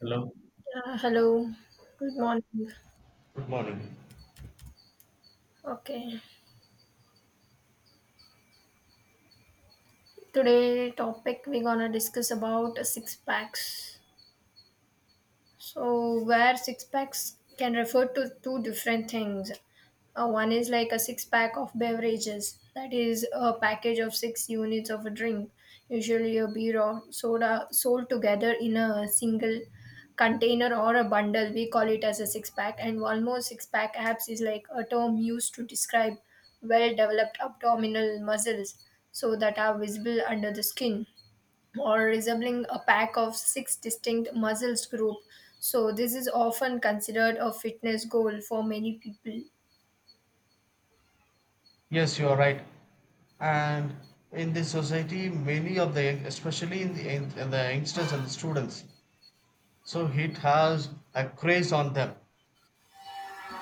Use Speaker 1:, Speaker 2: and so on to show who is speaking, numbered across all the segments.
Speaker 1: Hello.
Speaker 2: Yeah, hello. Good morning.
Speaker 1: Good morning.
Speaker 2: Okay. Today topic we're gonna discuss about six packs. So, where six packs can refer to two different things. One is like a six pack of beverages, that is a package of six units of a drink, usually a beer or soda, sold together in a single container or a bundle. We call it as a six pack. And one more six pack abs is like a term used to describe well developed abdominal muscles so that are visible under the skin or resembling a pack of six distinct muscles group. So this is often considered a fitness goal for many people.
Speaker 1: Yes, you are right. And in this society, many of especially in the youngsters and the students, so it has a craze on them.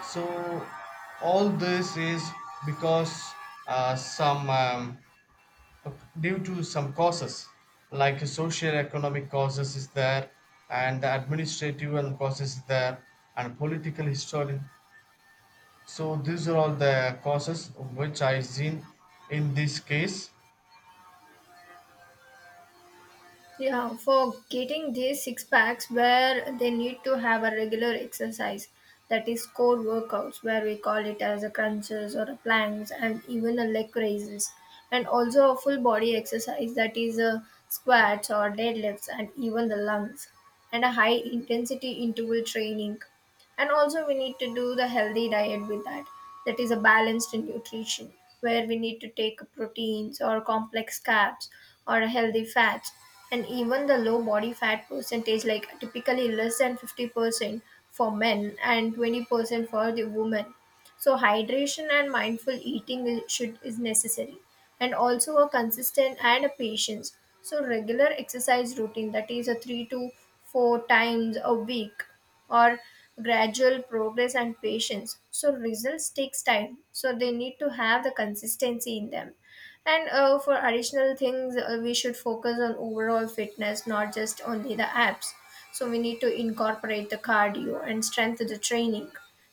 Speaker 1: So all this is because some due to some causes like socio-economic causes is there, and the administrative and causes is there, and political history. So these are all the causes which I seen in this case.
Speaker 2: Yeah, for getting these six packs where they need to have a regular exercise, that is core workouts where we call it as a crunches or a planks and even a leg raises, and also a full body exercise that is a squats or deadlifts and even the lungs and a high intensity interval training. And also we need to do the healthy diet with that, that is a balanced nutrition where we need to take proteins or complex carbs or healthy fats, and even the low body fat percentage like typically less than 50% for men and 20% for the women. So hydration and mindful eating is, should is necessary, and also a consistent and a patience. So regular exercise routine, that is a three to four times a week, or gradual progress and patience. So results takes time. So they need to have the consistency in them. And for additional things, we should focus on overall fitness, not just only the abs. So we need to incorporate the cardio and strength of the training.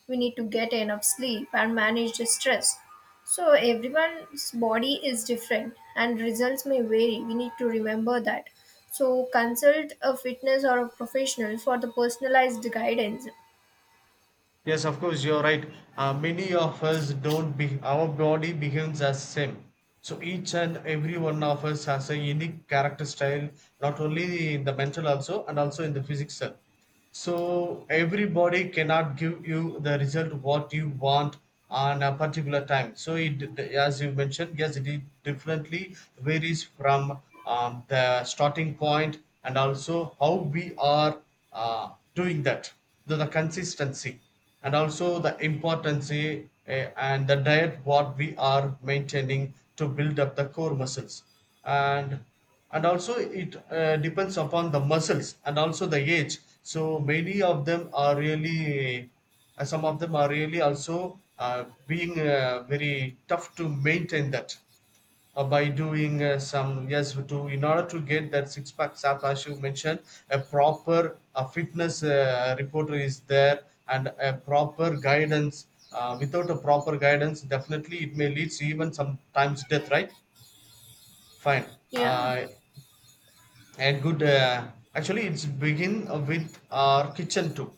Speaker 2: We need to get enough sleep and manage the stress. So everyone's body is different and results may vary. We need to remember that. So consult a fitness or a professional for the personalized guidance.
Speaker 1: Yes, of course, you're right. Many of us don't be, our body behaves as same. So each and every one of us has a unique character style, not only in the mental also and also in the physical. So everybody cannot give you the result what you want on a particular time. So it, as you mentioned, yes, it differently varies from the starting point and also how we are doing that. The consistency and also the importance and the diet what we are maintaining to build up the core muscles, and and also it depends upon the muscles and also the age, so many of them are really some of them are really also being very tough to maintain that by doing some, yes, to in order to get that six pack sap. As you mentioned, a proper fitness reporter is there, and a proper guidance. Without a proper guidance, definitely it may lead to even sometimes death, right? Fine.
Speaker 2: Yeah.
Speaker 1: Uh, a good uh, actually it's begin with our kitchen too.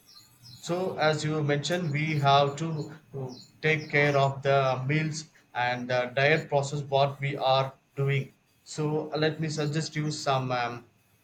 Speaker 1: So as you mentioned, we have to uh, take care of the meals and the diet process what we are doing. So let me suggest you some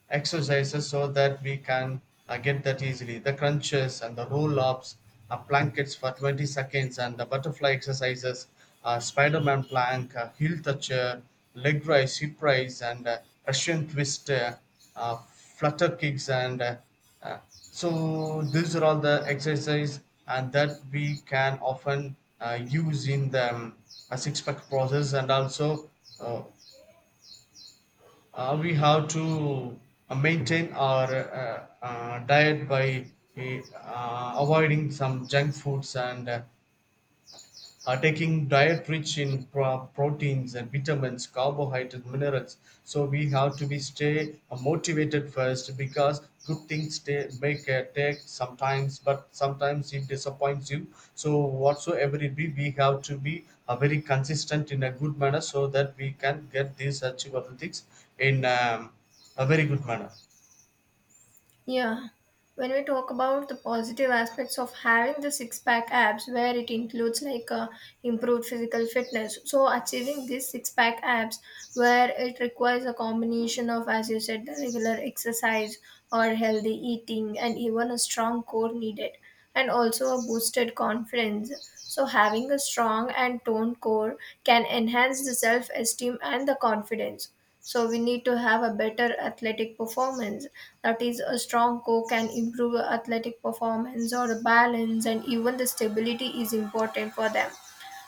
Speaker 1: exercises so that we can get that easily. The crunches and the roll ups, blankets for 20 seconds, and the butterfly exercises, Spider Man plank, heel toucher, leg raise, hip raise, and Russian twist, flutter kicks, and uh, so these are all the exercises, and that we can often use in the a six pack process. And also uh, we have to maintain our diet by avoiding some junk foods, and taking diet rich in proteins and vitamins, carbohydrates, minerals. So we have to be stay motivated first, because good things stay, make take sometimes, but sometimes it disappoints you. So whatsoever it be, we have to be very consistent in a good manner so that we can get these achievable things in a very good manner.
Speaker 2: Yeah, when we talk about the positive aspects of having the six pack abs, where it includes like improved physical fitness. So, achieving these six pack abs, where it requires a combination of, as you said, the regular exercise or healthy eating, and even a strong core needed, and also a boosted confidence. So, having a strong and toned core can enhance the self esteem and the confidence. So we need to have a better athletic performance. That is, a strong core can improve athletic performance or balance, and even the stability is important for them.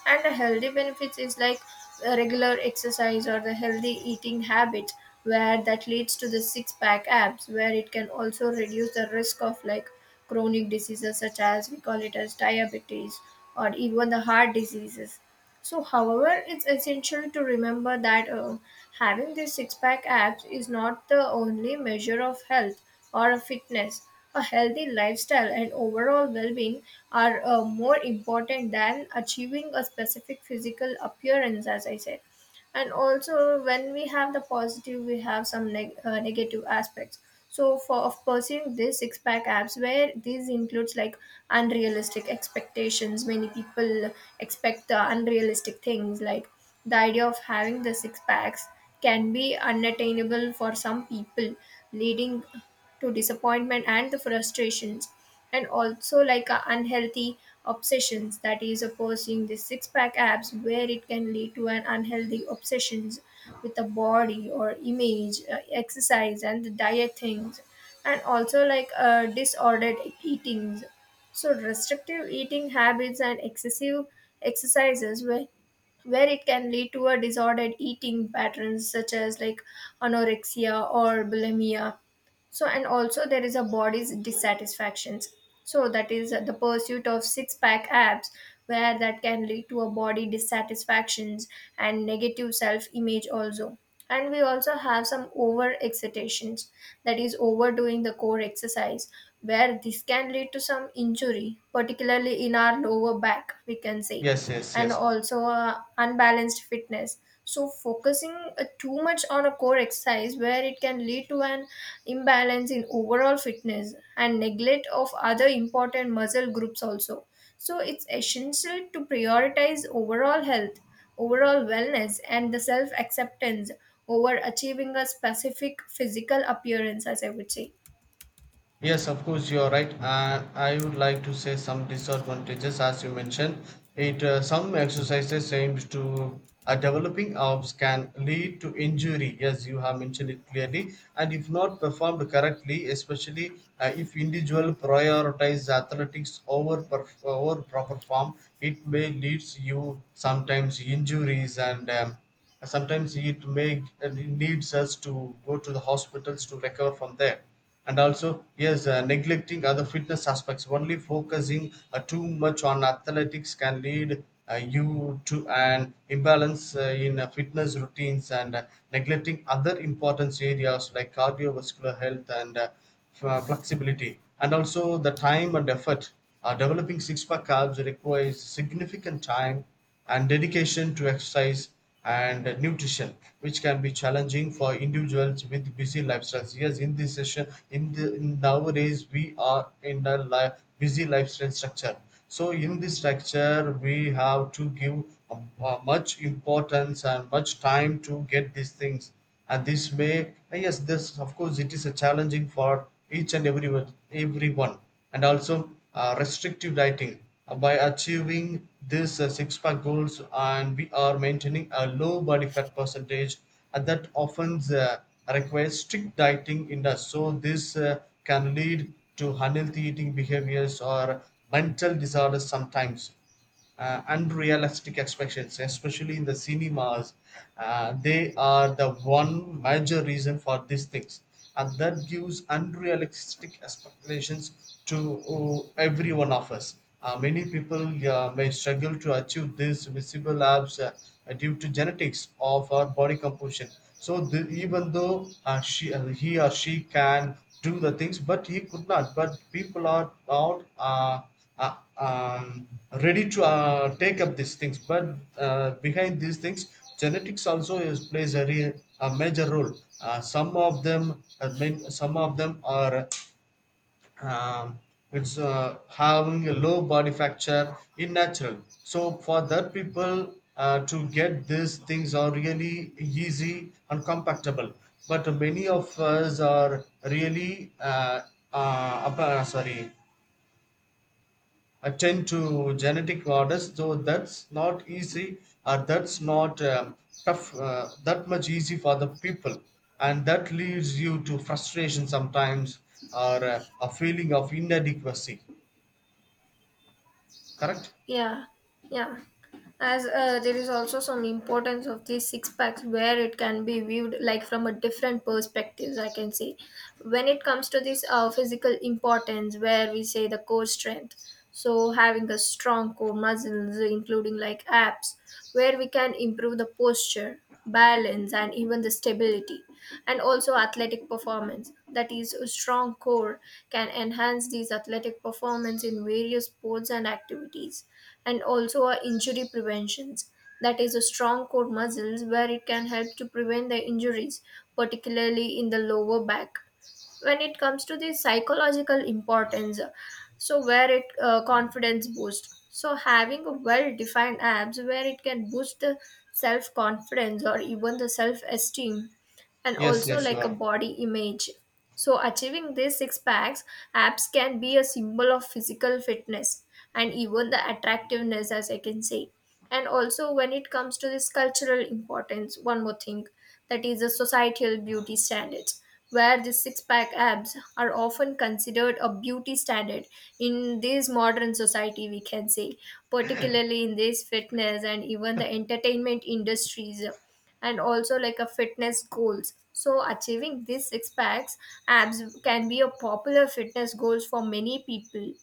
Speaker 2: And the healthy benefits is like regular exercise or the healthy eating habits where that leads to the six pack abs, where it can also reduce the risk of like chronic diseases such as we call it as diabetes or even the heart diseases. So however it's essential to remember that, having this six pack abs is not the only measure of health or of fitness. A healthy lifestyle and overall well-being are more important than achieving a specific physical appearance, as I said. And also when we have the positive, we have some negative aspects so for of pursuing this six pack abs, where these includes like unrealistic expectations. Many people expect the unrealistic things like the idea of having the six packs can be unattainable for some people, leading to disappointment and the frustrations. And also like a unhealthy obsessions, that is a pursuing the six pack abs where it can lead to an unhealthy obsessions with the body or image, exercise and the diet things. And also like disordered eatings, so restrictive eating habits and excessive exercises where it can lead to a disordered eating patterns such as like anorexia or bulimia. So and also there is a body's dissatisfactions, so that is the pursuit of six pack abs where that can lead to a body dissatisfactions and negative self image also. And we also have some over excitations, that is overdoing the core exercise where this can lead to some injury, particularly in our lower back we can say.
Speaker 1: Yes, yes,
Speaker 2: And
Speaker 1: yes.
Speaker 2: also unbalanced fitness. So, focusing too much on a core exercise where it can lead to an imbalance in overall fitness and neglect of other important muscle groups also. So, it's essential to prioritize overall health, overall wellness, and the self acceptance over achieving a specific physical appearance, as I would say.
Speaker 1: Yes, of course, you are right. I would like to say some disadvantages, as you mentioned. It Some exercises aimed to developing arms can lead to injury. Yes, you have mentioned it clearly. And if not performed correctly, especially if individual prioritize athletics over over proper form, it may leads you sometimes injuries and. Sometimes it may it needs us to go to the hospitals to recover from there. And also, yes, neglecting other fitness aspects, only focusing too much on athletics can lead you to an imbalance in fitness routines, and neglecting other important areas like cardiovascular health and flexibility, and also the time and effort. Developing six pack calves requires significant time and dedication to exercise and nutrition, which can be challenging for individuals with busy lifestyles. Yes, in this session, in the in nowadays we are in a busy lifestyle structure. So in this structure, we have to give much importance and much time to get these things, and this may ah, yes, this of course it is a challenging for each and everyone. And also restrictive dieting. By achieving this six pack goals, and we are maintaining a low body fat percentage, and that often requires strict dieting in us. So this can lead to unhealthy eating behaviors or mental disorders sometimes. Unrealistic expectations, especially in the cinemas. They are the one major reason for these things, and that gives unrealistic expectations to every one of us. Many people may struggle to achieve these visible labs due to genetics of our body composition. So even though he or she can do the things, but he could not. But people are not uh, um, ready to take up these things. But behind these things, genetics also is, plays a, real, a major role. Some of them, some of them are um, it's having a low body factor in natural. So for that people to get these things are really easy and compatible. But many of us are really sorry, attend to genetic orders, though that's not easy, or that's not tough that much easy for the people, and that leads you to frustration sometimes, or a feeling of inadequacy. Correct.
Speaker 2: Yeah, yeah. As there is also some importance of these six packs where it can be viewed like from a different perspectives. I can say, when it comes to this physical importance, where we say the core strength. So having a strong core muscles, including like abs, where we can improve the posture balance and even the stability, and also athletic performance, that is a strong core can enhance these athletic performance in various sports and activities. And also our injury preventions, that is a strong core muscles where it can help to prevent the injuries, particularly in the lower back. When it comes to the psychological importance, so where it confidence boost, so having a well defined abs where it can boost the self confidence or even the self esteem, and
Speaker 1: Yes,
Speaker 2: also
Speaker 1: yes, you
Speaker 2: like
Speaker 1: are.
Speaker 2: a body image. So achieving these six packs abs can be a symbol of physical fitness and even the attractiveness, as I can say. And also when it comes to this cultural importance, one more thing, that is the societal beauty standards where the six-pack abs are often considered a beauty standard in this modern society we can say, particularly in this fitness and even the entertainment industries. And also like a fitness goals, so achieving these six packs abs can be a popular fitness goals for many people.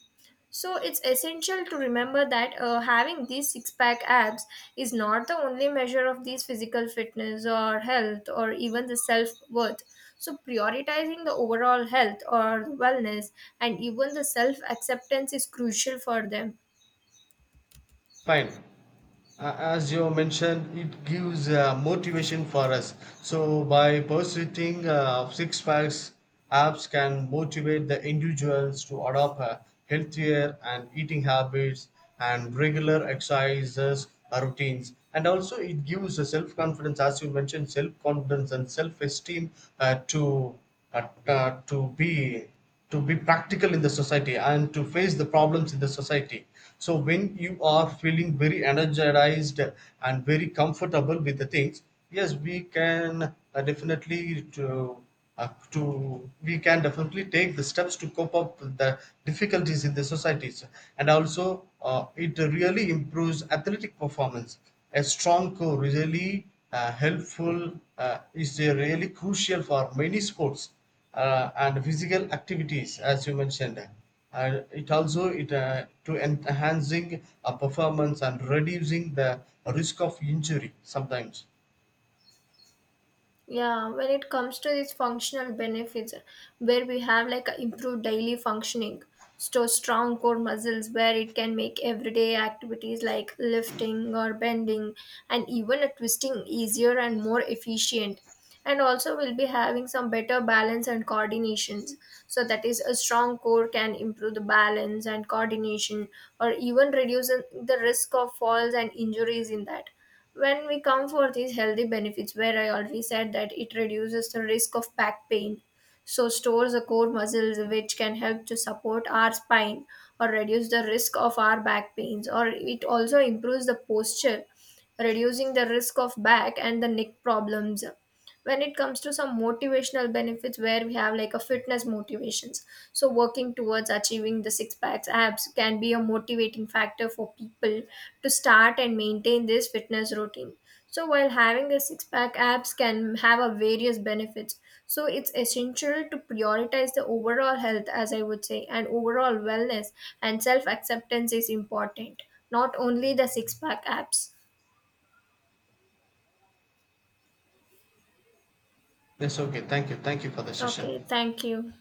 Speaker 2: So it's essential to remember that, having these six pack abs is not the only measure of these physical fitness or health or even the self worth. So prioritizing the overall health or wellness and even the self acceptance is crucial for them.
Speaker 1: Fine. A- as you mentioned, it gives motivation for us, so by pursuing six packs apps can motivate the individuals to adopt healthier and eating habits and regular exercises routines. And also it gives a self confidence, as you mentioned, self confidence and self esteem uh, to uh, uh, to be to be practical in the society and to face the problems in the society. So when you are feeling very energized and very comfortable with the things, yes, we can definitely to we can definitely take the steps to cope up with the difficulties in the societies. And also it really improves athletic performance. A strong core really helpful is really crucial for many sports and physical activities, as you mentioned. And it also it to enhancing a performance and reducing the risk of injury sometimes.
Speaker 2: Yeah, when it comes to these functional benefits, where we have like a improved daily functioning, so strong core muscles where it can make everyday activities like lifting or bending and even a twisting easier and more efficient. And also we'll be having some better balance and coordinations. So that is a strong core can improve the balance and coordination or even reduce the risk of falls and injuries in that. When we come for these healthy benefits, where I already said that it reduces the risk of back pain, so stores the core muscles which can help to support our spine or reduce the risk of our back pains, or it also improves the posture, reducing the risk of back and the neck problems. When it comes to some motivational benefits, where we have like a fitness motivations, so working towards achieving the six packs abs can be a motivating factor for people to start and maintain this fitness routine. So while having a six pack abs can have a various benefits, so it's essential to prioritize the overall health, as I would say, and overall wellness and self acceptance is important, not only the six pack abs.
Speaker 1: Yes, okay, thank you, thank you for the session.
Speaker 2: Okay, thank you.